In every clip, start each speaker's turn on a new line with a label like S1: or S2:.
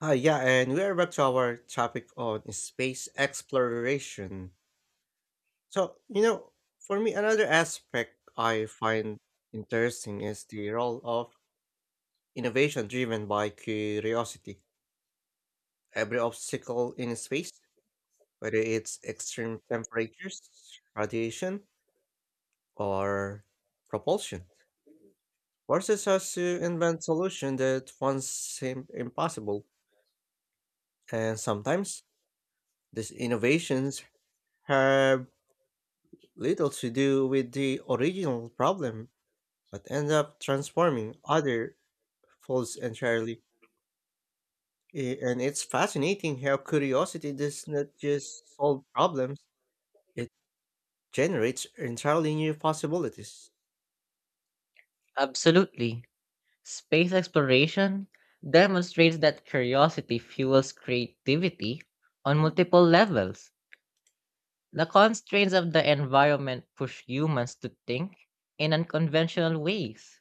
S1: Hi, yeah, and we are back to our topic on space exploration. So, for me, another aspect I find interesting is the role of innovation driven by curiosity. Every obstacle in space, whether it's extreme temperatures, radiation, or propulsion, forces us to invent solutions that once seemed impossible. And sometimes these innovations have little to do with the original problem, but end up transforming other folds entirely. And it's fascinating how curiosity does not just solve problems, it generates entirely new possibilities.
S2: Absolutely. Space exploration demonstrates that curiosity fuels creativity on multiple levels. The constraints of the environment push humans to think in unconventional ways,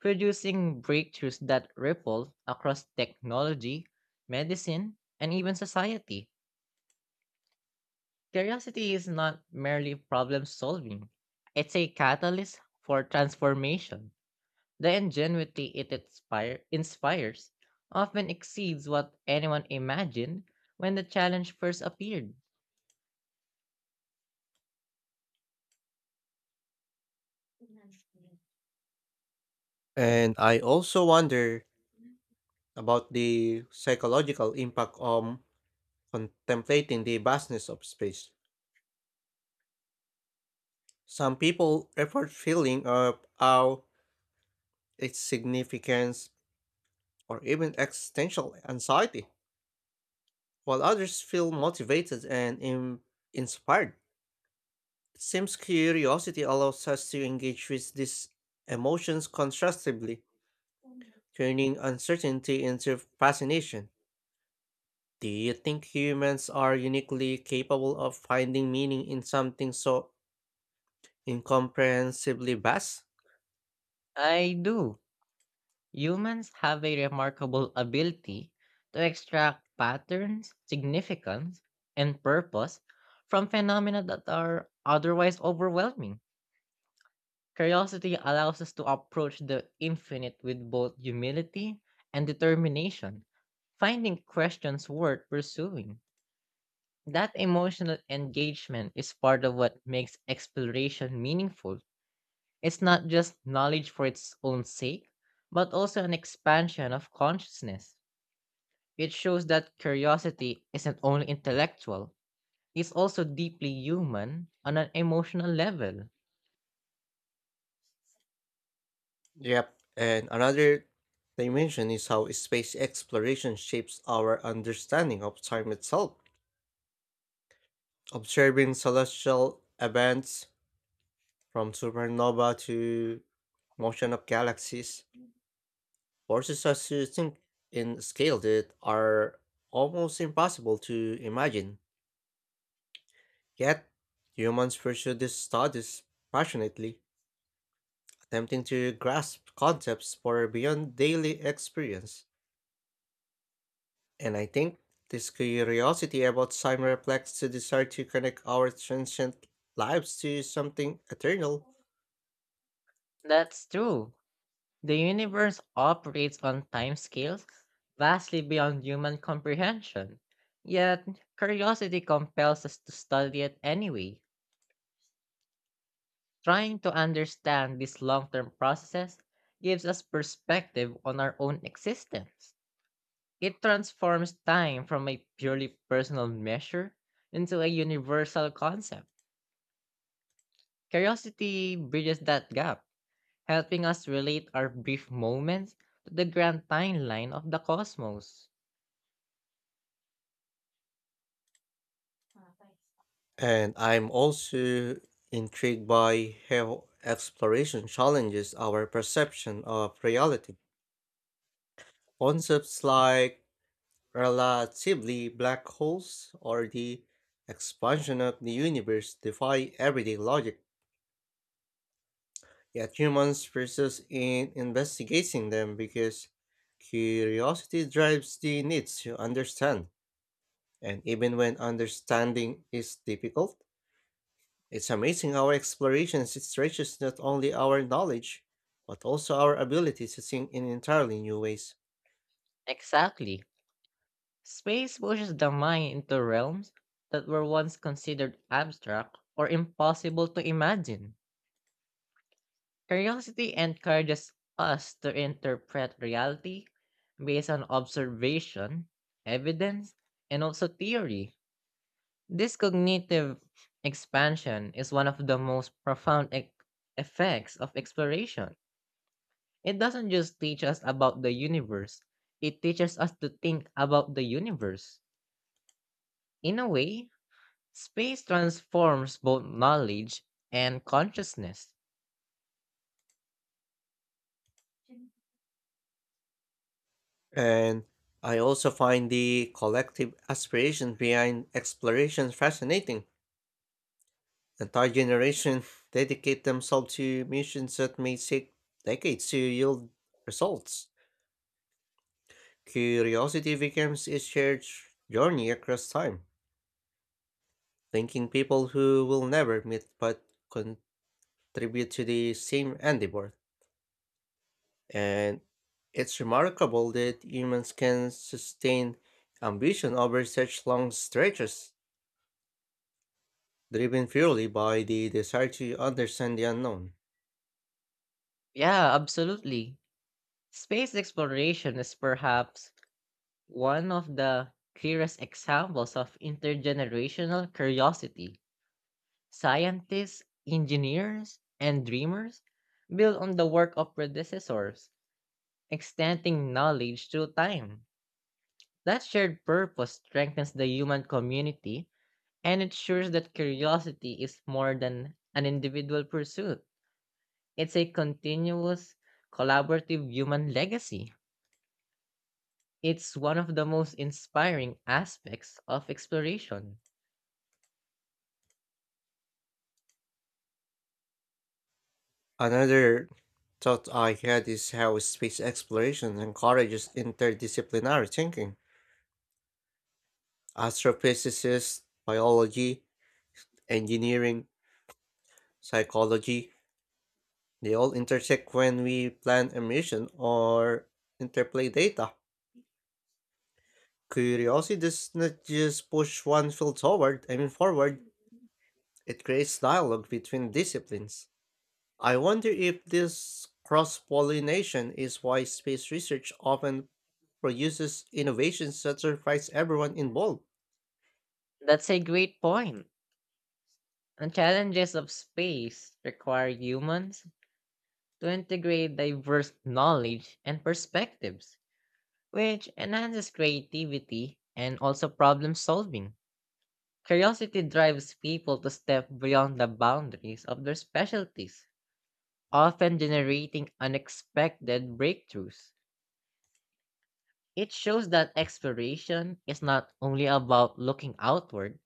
S2: producing breakthroughs that ripple across technology, medicine, and even society. Curiosity is not merely problem solving, it's a catalyst for transformation. The ingenuity it inspires often exceeds what anyone imagined when the challenge first appeared.
S1: And I also wonder about the psychological impact of contemplating the vastness of space. Some people report feeling of awe, its significance, or even existential anxiety while others feel motivated and inspired. It seems curiosity allows us to engage with these emotions constructively, turning uncertainty into fascination. Do you think humans are uniquely capable of finding meaning in something so incomprehensibly vast?
S2: I do. Humans have a remarkable ability to extract patterns, significance, and purpose from phenomena that are otherwise overwhelming. Curiosity allows us to approach the infinite with both humility and determination, finding questions worth pursuing. That emotional engagement is part of what makes exploration meaningful. It's not just knowledge for its own sake, but also an expansion of consciousness. It shows that curiosity isn't only intellectual, it's also deeply human on an emotional level.
S1: Yep, and another dimension is how space exploration shapes our understanding of time itself. Observing celestial events from supernova to motion of galaxies, forces us to think in scale that are almost impossible to imagine. Yet, humans pursue these studies passionately, attempting to grasp concepts far beyond daily experience. And I think this curiosity about time reflects the desire to connect our transient lives to something eternal.
S2: That's true. The universe operates on timescales vastly beyond human comprehension. Yet, curiosity compels us to study it anyway. Trying to understand these long term processes gives us perspective on our own existence. It transforms time from a purely personal measure into a universal concept. Curiosity bridges that gap, helping us relate our brief moments to the grand timeline of the cosmos.
S1: And I'm also intrigued by how exploration challenges our perception of reality. Concepts like relatively black holes or the expansion of the universe defy everyday logic, yet humans persist in investigating them because curiosity drives the need to understand. And even when understanding is difficult, it's amazing how exploration stretches not only our knowledge, but also our ability to think in entirely new ways.
S2: Exactly. Space pushes the mind into realms that were once considered abstract or impossible to imagine. Curiosity encourages us to interpret reality based on observation, evidence, and also theory. This cognitive expansion is one of the most profound effects of exploration. It doesn't just teach us about the universe, it teaches us to think about the universe. In a way, space transforms both knowledge and consciousness.
S1: And I also find the collective aspiration behind exploration fascinating. Entire generations dedicate themselves to missions that may take decades to yield results. Curiosity becomes a shared journey across time, linking people who will never meet but con. Tribute to the same endeavor, and it's remarkable that humans can sustain ambition over such long stretches, driven purely by the desire to understand the unknown.
S2: Yeah, absolutely. Space exploration is perhaps one of the clearest examples of intergenerational curiosity. Scientists, engineers, and dreamers build on the work of predecessors, extending knowledge through time. That shared purpose strengthens the human community and ensures that curiosity is more than an individual pursuit. It's a continuous, collaborative human legacy. It's one of the most inspiring aspects of exploration.
S1: Another thought I had is how space exploration encourages interdisciplinary thinking. Astrophysicists, biology, engineering, psychology, they all intersect when we plan a mission or interplay data. Curiosity does not just push one field forward, I mean forward, it creates dialogue between disciplines. I wonder if this cross pollination is why space research often produces innovations that surprise everyone involved.
S2: That's a great point. And challenges of space require humans to integrate diverse knowledge and perspectives, which enhances creativity and also problem solving. Curiosity drives people to step beyond the boundaries of their specialties, often generating unexpected breakthroughs. It shows that exploration is not only about looking outward,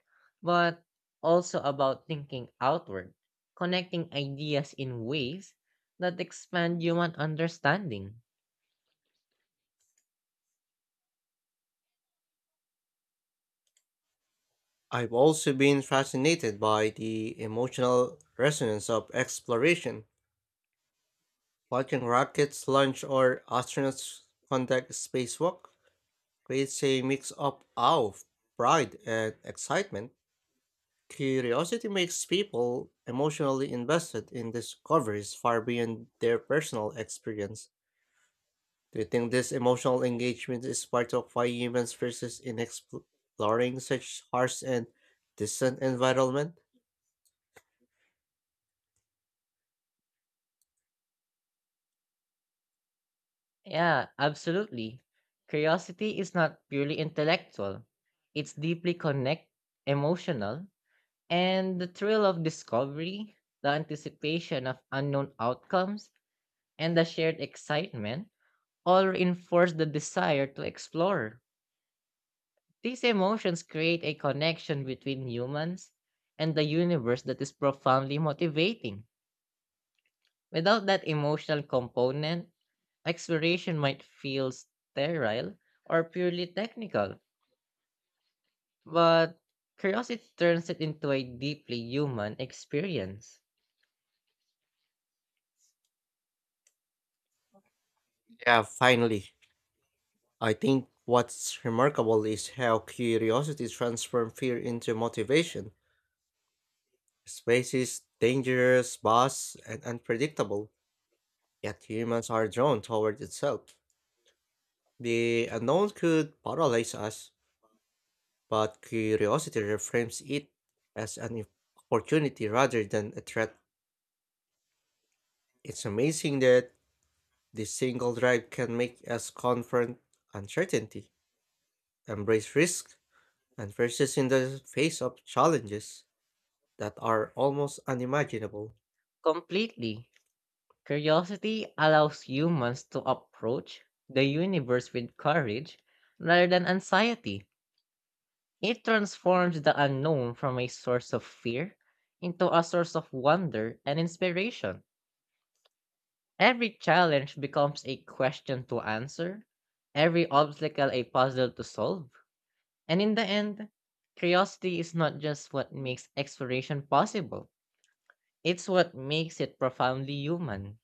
S2: but also about thinking outward, connecting ideas in ways that expand human understanding.
S1: I've also been fascinated by the emotional resonance of exploration. Watching rockets launch or astronauts conduct spacewalk creates a mix of awe, pride, and excitement. Curiosity makes people emotionally invested in discoveries far beyond their personal experience. Do you think this emotional engagement is part of why humans persist in exploring such harsh and distant environment?
S2: Yeah, absolutely. Curiosity is not purely intellectual, it's deeply connect emotional, and the thrill of discovery, the anticipation of unknown outcomes, and the shared excitement all reinforce the desire to explore. These emotions create a connection between humans and the universe that is profoundly motivating. Without that emotional component, exploration might feel sterile or purely technical, but curiosity turns it into a deeply human experience.
S1: Yeah, finally. I think what's remarkable is how curiosity transforms fear into motivation. Space is dangerous, vast, and unpredictable, yet humans are drawn toward itself. The unknown could paralyze us, but curiosity reframes it as an opportunity rather than a threat. It's amazing that this single drive can make us confront uncertainty, embrace risk, and persist in the face of challenges that are almost unimaginable.
S2: Completely. Curiosity allows humans to approach the universe with courage rather than anxiety. It transforms the unknown from a source of fear into a source of wonder and inspiration. Every challenge becomes a question to answer, every obstacle a puzzle to solve. And in the end, curiosity is not just what makes exploration possible, it's what makes it profoundly human.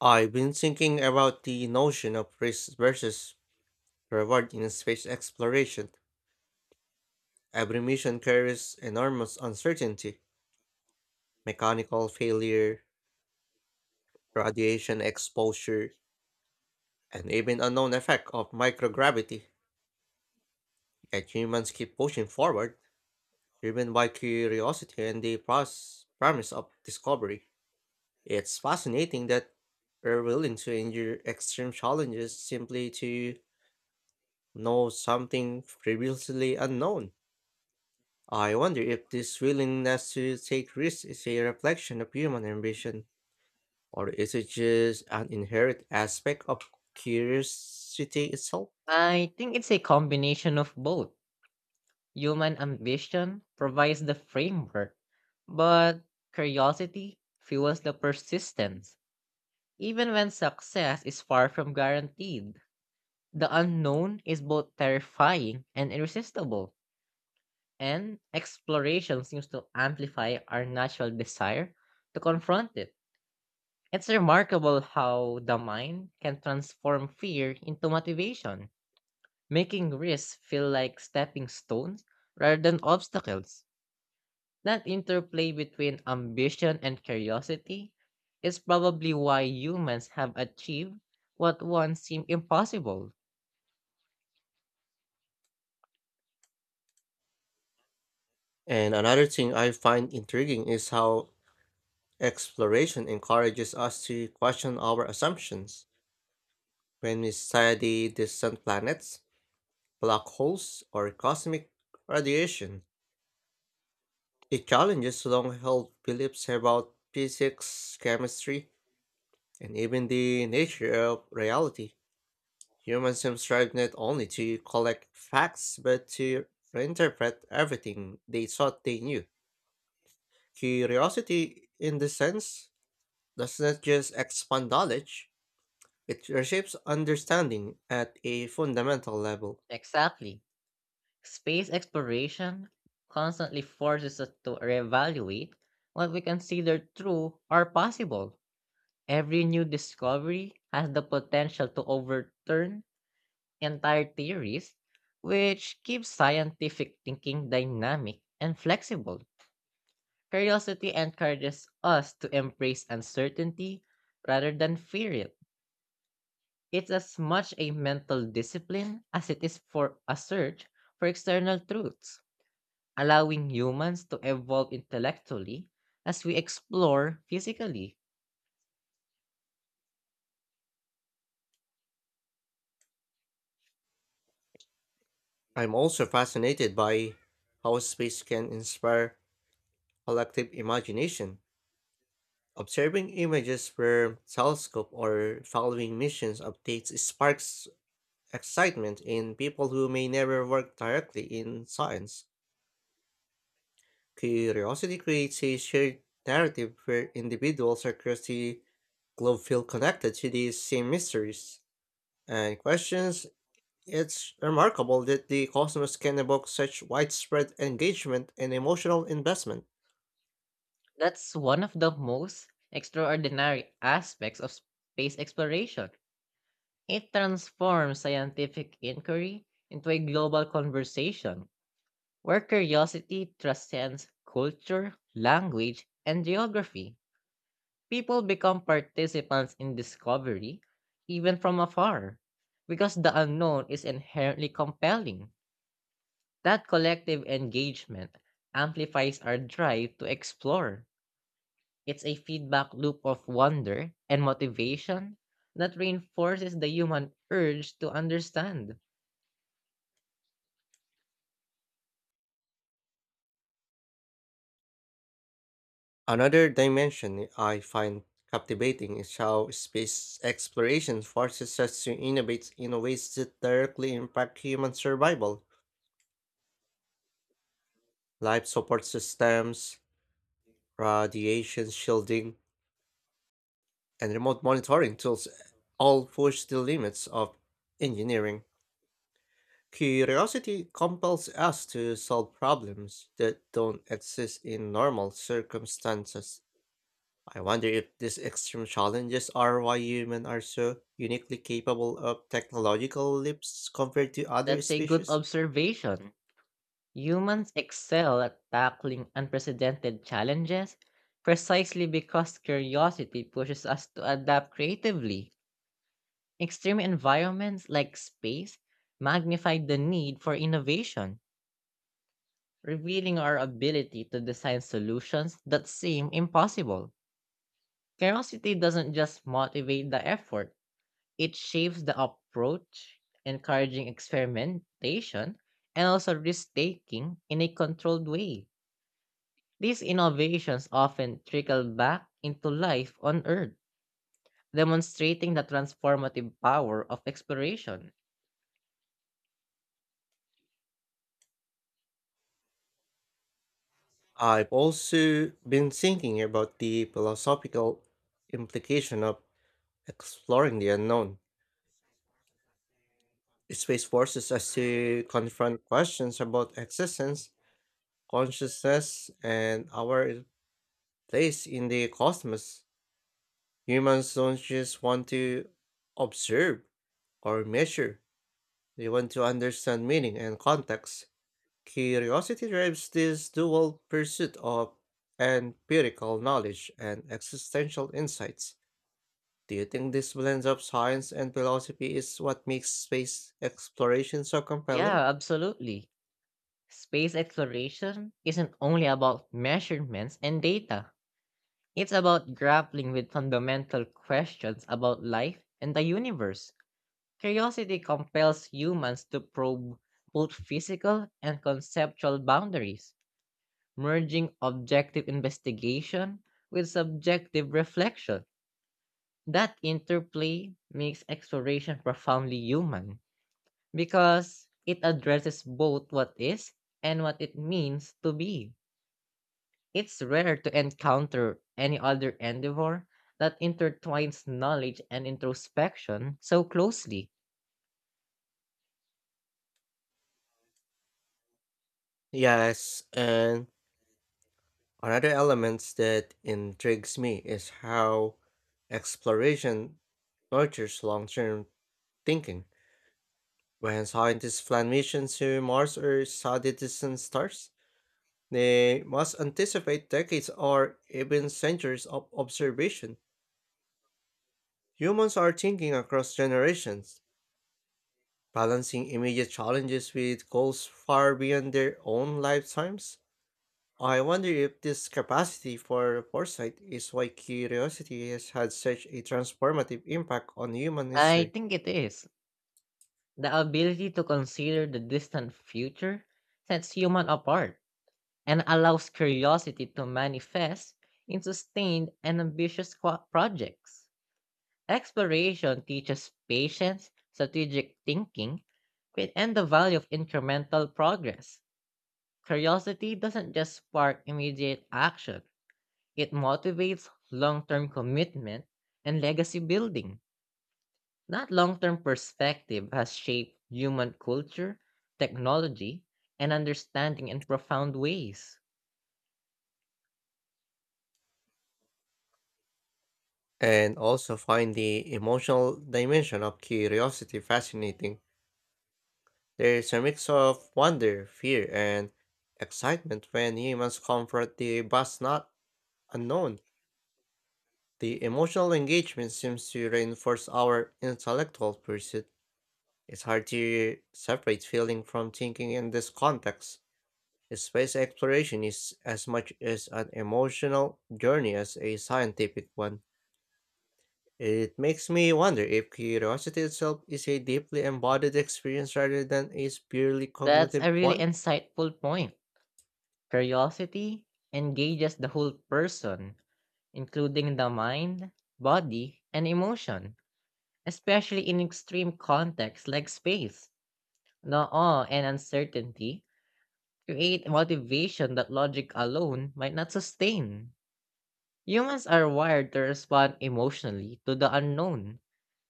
S1: I've been thinking about the notion of risk versus reward in space exploration. Every mission carries enormous uncertainty, mechanical failure, radiation exposure, and even unknown effect of microgravity. Yet humans keep pushing forward, driven by curiosity and the promise of discovery. It's fascinating that we're willing to endure extreme challenges simply to know something previously unknown. I wonder if this willingness to take risks is a reflection of human ambition, or is it just an inherent aspect of curiosity itself?
S2: I think it's a combination of both. Human ambition provides the framework, but curiosity fuels the persistence. Even when success is far from guaranteed, the unknown is both terrifying and irresistible, and exploration seems to amplify our natural desire to confront it. It's remarkable how the mind can transform fear into motivation, making risks feel like stepping stones rather than obstacles. That interplay between ambition and curiosity is probably why humans have achieved what once seemed impossible.
S1: And another thing I find intriguing is how exploration encourages us to question our assumptions. When we study distant planets, black holes, or cosmic radiation. It challenges long held beliefs about physics, chemistry, and even the nature of reality. Humans have strive not only to collect facts but to reinterpret everything they thought they knew. Curiosity, in this sense, does not just expand knowledge, it reshapes understanding at a fundamental level.
S2: Exactly. Space exploration constantly forces us to reevaluate what we consider true or possible. Every new discovery has the potential to overturn entire theories, which keeps scientific thinking dynamic and flexible. Curiosity encourages us to embrace uncertainty rather than fear it. It's as much a mental discipline as it is for a search for external truths, allowing humans to evolve intellectually as we explore physically.
S1: I'm also fascinated by how space can inspire collective imagination. Observing images from telescope or following missions updates sparks excitement in people who may never work directly in science. Curiosity creates a shared narrative where individuals across the globe feel connected to these same mysteries and questions. It's remarkable that the cosmos can evoke such widespread engagement and emotional investment.
S2: That's one of the most extraordinary aspects of space exploration. It transforms scientific inquiry into a global conversation where curiosity transcends culture, language, and geography. People become participants in discovery, even from afar, because the unknown is inherently compelling. That collective engagement amplifies our drive to explore. It's a feedback loop of wonder and motivation that reinforces the human urge to understand.
S1: Another dimension I find captivating is how space exploration forces us to innovate in ways that directly impact human survival. Life support systems, radiation shielding, and remote monitoring tools all push the limits of engineering. Curiosity compels us to solve problems that don't exist in normal circumstances. I wonder if these extreme challenges are why humans are so uniquely capable of technological leaps compared to other
S2: That's a good
S1: species.
S2: observation. Humans excel at tackling unprecedented challenges precisely because curiosity pushes us to adapt creatively. Extreme environments like space magnify the need for innovation, revealing our ability to design solutions that seem impossible. Curiosity doesn't just motivate the effort, it shapes the approach, encouraging experimentation and also risk taking in a controlled way. These innovations often trickle back into life on Earth, demonstrating the transformative power of exploration.
S1: I've also been thinking about the philosophical implication of exploring the unknown. Space forces us to confront questions about existence, consciousness, and our place in the cosmos. Humans don't just want to observe or measure, they want to understand meaning and context. Curiosity drives this dual pursuit of empirical knowledge and existential insights. Do you think this blend of science and philosophy is what makes space exploration so compelling?
S2: Yeah, absolutely. Space exploration isn't only about measurements and data, it's about grappling with fundamental questions about life and the universe. Curiosity compels humans to probe both physical and conceptual boundaries, merging objective investigation with subjective reflection. That interplay makes exploration profoundly human because it addresses both what is and what it means to be. It's rare to encounter any other endeavor that intertwines knowledge and introspection so closely.
S1: Yes, and another element that intrigues me is how exploration nurtures long term thinking. When scientists plan missions to Mars or study distant stars, they must anticipate decades or even centuries of observation. Humans are thinking across generations, balancing immediate challenges with goals far beyond their own lifetimes? I wonder if this capacity for foresight is why curiosity has had such a transformative impact on human
S2: I
S1: history.
S2: think it is. The ability to consider the distant future sets human apart and allows curiosity to manifest in sustained and ambitious projects. Exploration teaches patience, strategic thinking, and the value of incremental progress. Curiosity doesn't just spark immediate action, it motivates long term commitment and legacy building. That long term perspective has shaped human culture, technology, and understanding in profound ways.
S1: And also find the emotional dimension of curiosity fascinating. There is a mix of wonder, fear, and excitement when humans confront the vast not unknown. The emotional engagement seems to reinforce our intellectual pursuit. It's hard to separate feeling from thinking in this context. Space exploration is as much as an emotional journey as a scientific one. It makes me wonder if curiosity itself is a deeply embodied experience rather than a purely
S2: That's
S1: cognitive
S2: a really
S1: one.
S2: insightful point. Curiosity engages the whole person including the mind, body, and emotion, especially in extreme contexts like space. The awe and uncertainty create motivation that logic alone might not sustain. Humans are wired to respond emotionally to the unknown,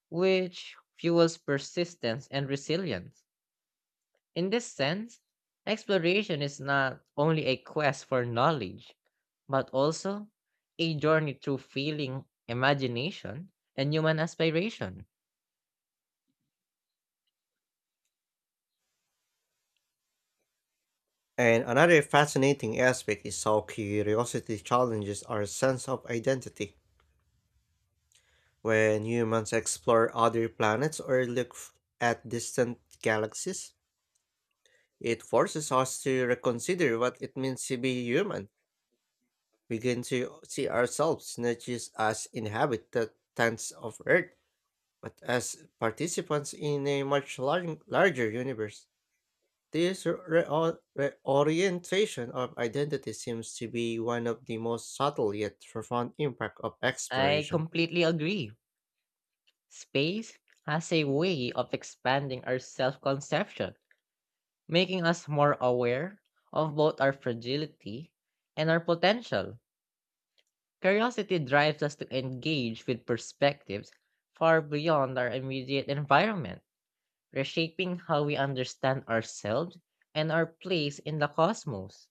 S2: which fuels persistence and resilience. In this sense, exploration is not only a quest for knowledge, but also a journey through feeling, imagination, and human aspiration.
S1: And another fascinating aspect is how curiosity challenges our sense of identity. When humans explore other planets or look at distant galaxies, it forces us to reconsider what it means to be human, begin to see ourselves not just as inhabitants of Earth, but as participants in a much larger universe. This reorientation of identity seems to be one of the most subtle yet profound impact of
S2: I
S1: exploration.
S2: completely agree. Space has a way of expanding our self conception, making us more aware of both our fragility and our potential. Curiosity drives us to engage with perspectives far beyond our immediate environment reshaping how we understand ourselves and our place in the cosmos.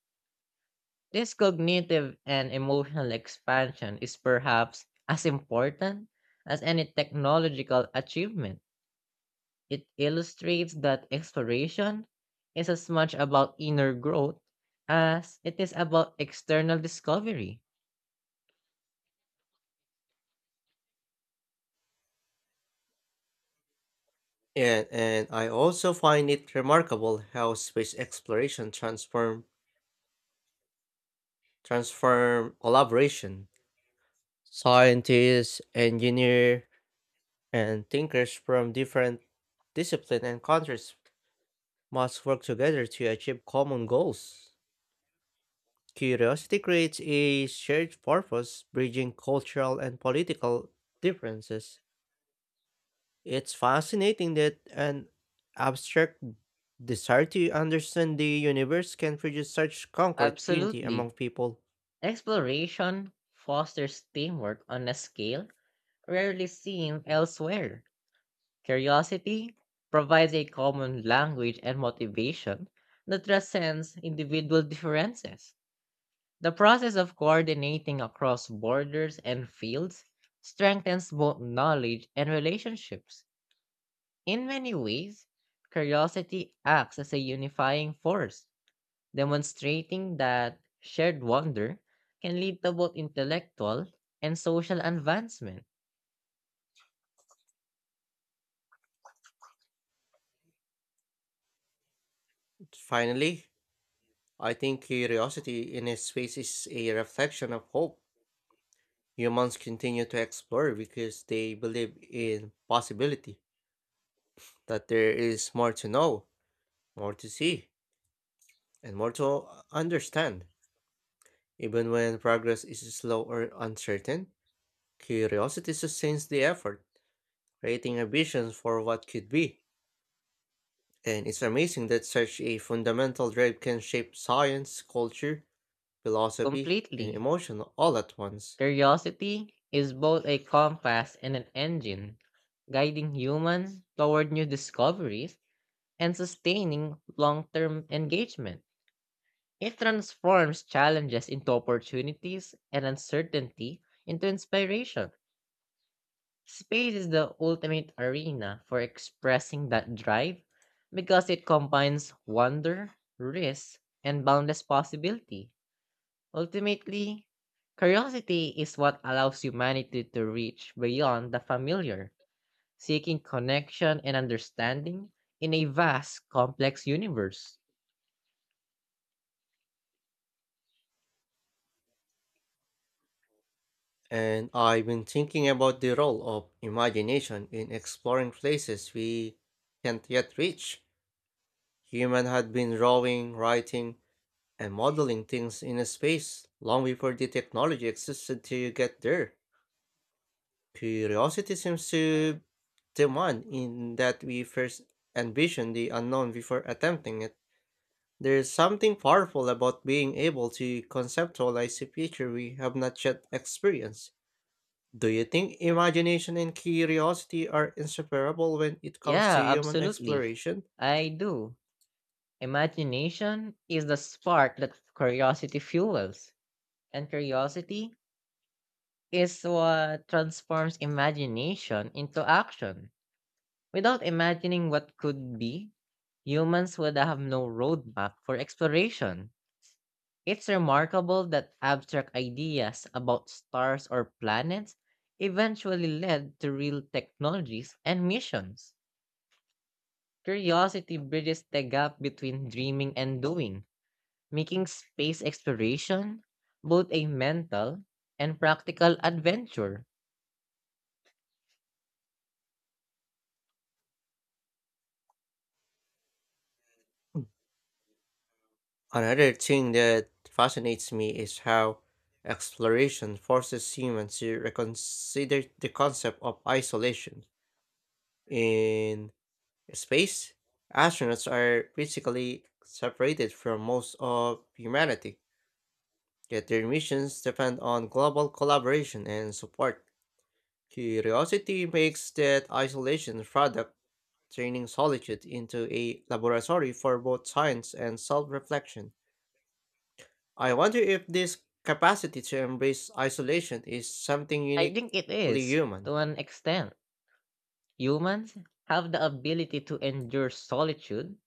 S2: This cognitive and emotional expansion is perhaps as important as any technological achievement. It illustrates that exploration is as much about inner growth as it is about external discovery.
S1: And I also find it remarkable how space exploration transform collaboration. Scientists, engineers, and thinkers from different disciplines and countries must work together to achieve common goals. Curiosity creates a shared purpose, bridging cultural and political differences. It's fascinating that an abstract desire to understand the universe can produce such concrete unity among
S2: Absolutely.
S1: people.
S2: Exploration fosters teamwork on a scale rarely seen elsewhere. Curiosity provides a common language and motivation that transcends individual differences. The process of coordinating across borders and fields strengthens both knowledge and relationships. In many ways, curiosity acts as a unifying force, demonstrating that shared wonder can lead to both intellectual and social advancement.
S1: Finally, I think curiosity in a space is a reflection of hope. Humans continue to explore because they believe in possibility, that there is more to know, more to see, and more to understand. Even when progress is slow or uncertain, curiosity sustains the effort, creating a vision for what could be. And it's amazing that such a fundamental drive can shape science, culture, philosophy, and
S2: Completely.
S1: emotion all at once.
S2: Curiosity is both a compass and an engine, guiding humans toward new discoveries and sustaining long term engagement. It transforms challenges into opportunities and uncertainty into inspiration. Space is the ultimate arena for expressing that drive because it combines wonder, risk, and boundless possibility. Ultimately, curiosity is what allows humanity to reach beyond the familiar, seeking connection and understanding in a vast, complex universe.
S1: And I've been thinking about the role of imagination in exploring places we can't yet reach. Human had been drawing, writing, and modeling things in a space long before the technology existed to get there. Curiosity seems to demand in that we first envision the unknown before attempting it. There's something powerful about being able to conceptualize a future we have not yet experienced. Do you think imagination and curiosity are inseparable when it comes to
S2: Yeah,
S1: human
S2: absolutely.
S1: exploration?
S2: I do. Imagination is the spark that curiosity fuels, and curiosity is what transforms imagination into action. Without imagining what could be, humans would have no roadmap for exploration. It's remarkable that abstract ideas about stars or planets eventually led to real technologies and missions. Curiosity bridges the gap between dreaming and doing, making space exploration both a mental and practical adventure.
S1: Another thing that fascinates me is how exploration forces humans to reconsider the concept of isolation. In space, astronauts are physically separated from most of humanity, yet their missions depend on global collaboration and support. Curiosity makes that isolation product, turning solitude into a laboratory for both science and self reflection. I wonder if this capacity to embrace isolation is something
S2: I think it
S1: uniquely
S2: is,
S1: human.
S2: to an extent. Humans have the ability to endure solitude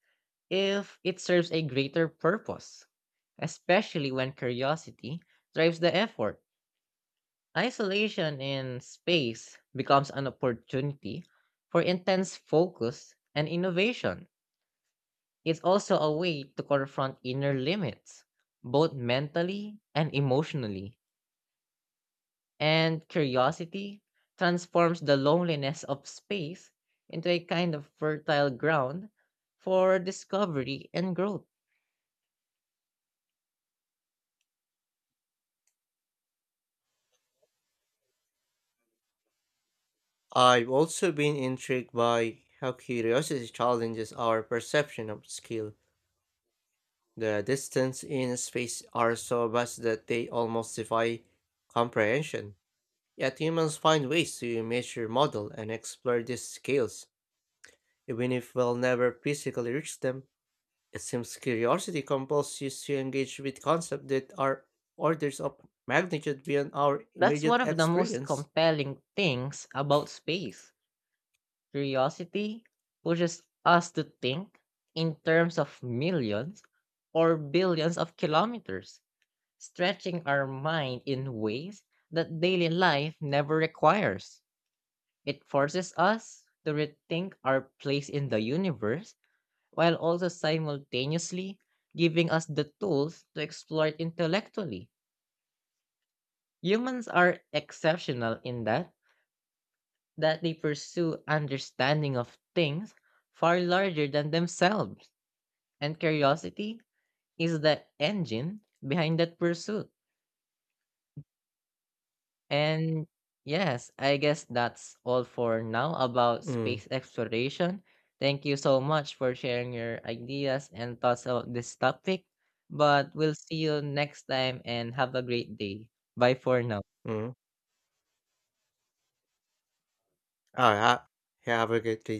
S2: if it serves a greater purpose, especially when curiosity drives the effort. Isolation in space becomes an opportunity for intense focus and innovation. It's also a way to confront inner limits, both mentally and emotionally. And curiosity transforms the loneliness of space into a kind of fertile ground for discovery and growth.
S1: I've also been intrigued by how curiosity challenges our perception of skill. The distance in space are so vast that they almost defy comprehension. Yet humans find ways to measure, model, and explore these scales, even if we'll never physically reach them. It seems curiosity compels you to engage with concepts that are orders of magnitude beyond our
S2: That's one
S1: immediate
S2: of the most
S1: experience.
S2: compelling things about space. Curiosity pushes us to think in terms of millions or billions of kilometers, stretching our mind in ways that daily life never requires. It forces us to rethink our place in the universe while also simultaneously giving us the tools to explore it intellectually. Humans are exceptional in that they pursue understanding of things far larger than themselves, and curiosity is the engine behind that pursuit. And yes, I guess that's all for now about
S1: Mm-hmm.
S2: space exploration. Thank you so much for sharing your ideas and thoughts about this topic. But we'll see you next time and have a great day. Bye for now.
S1: All right. Have a great day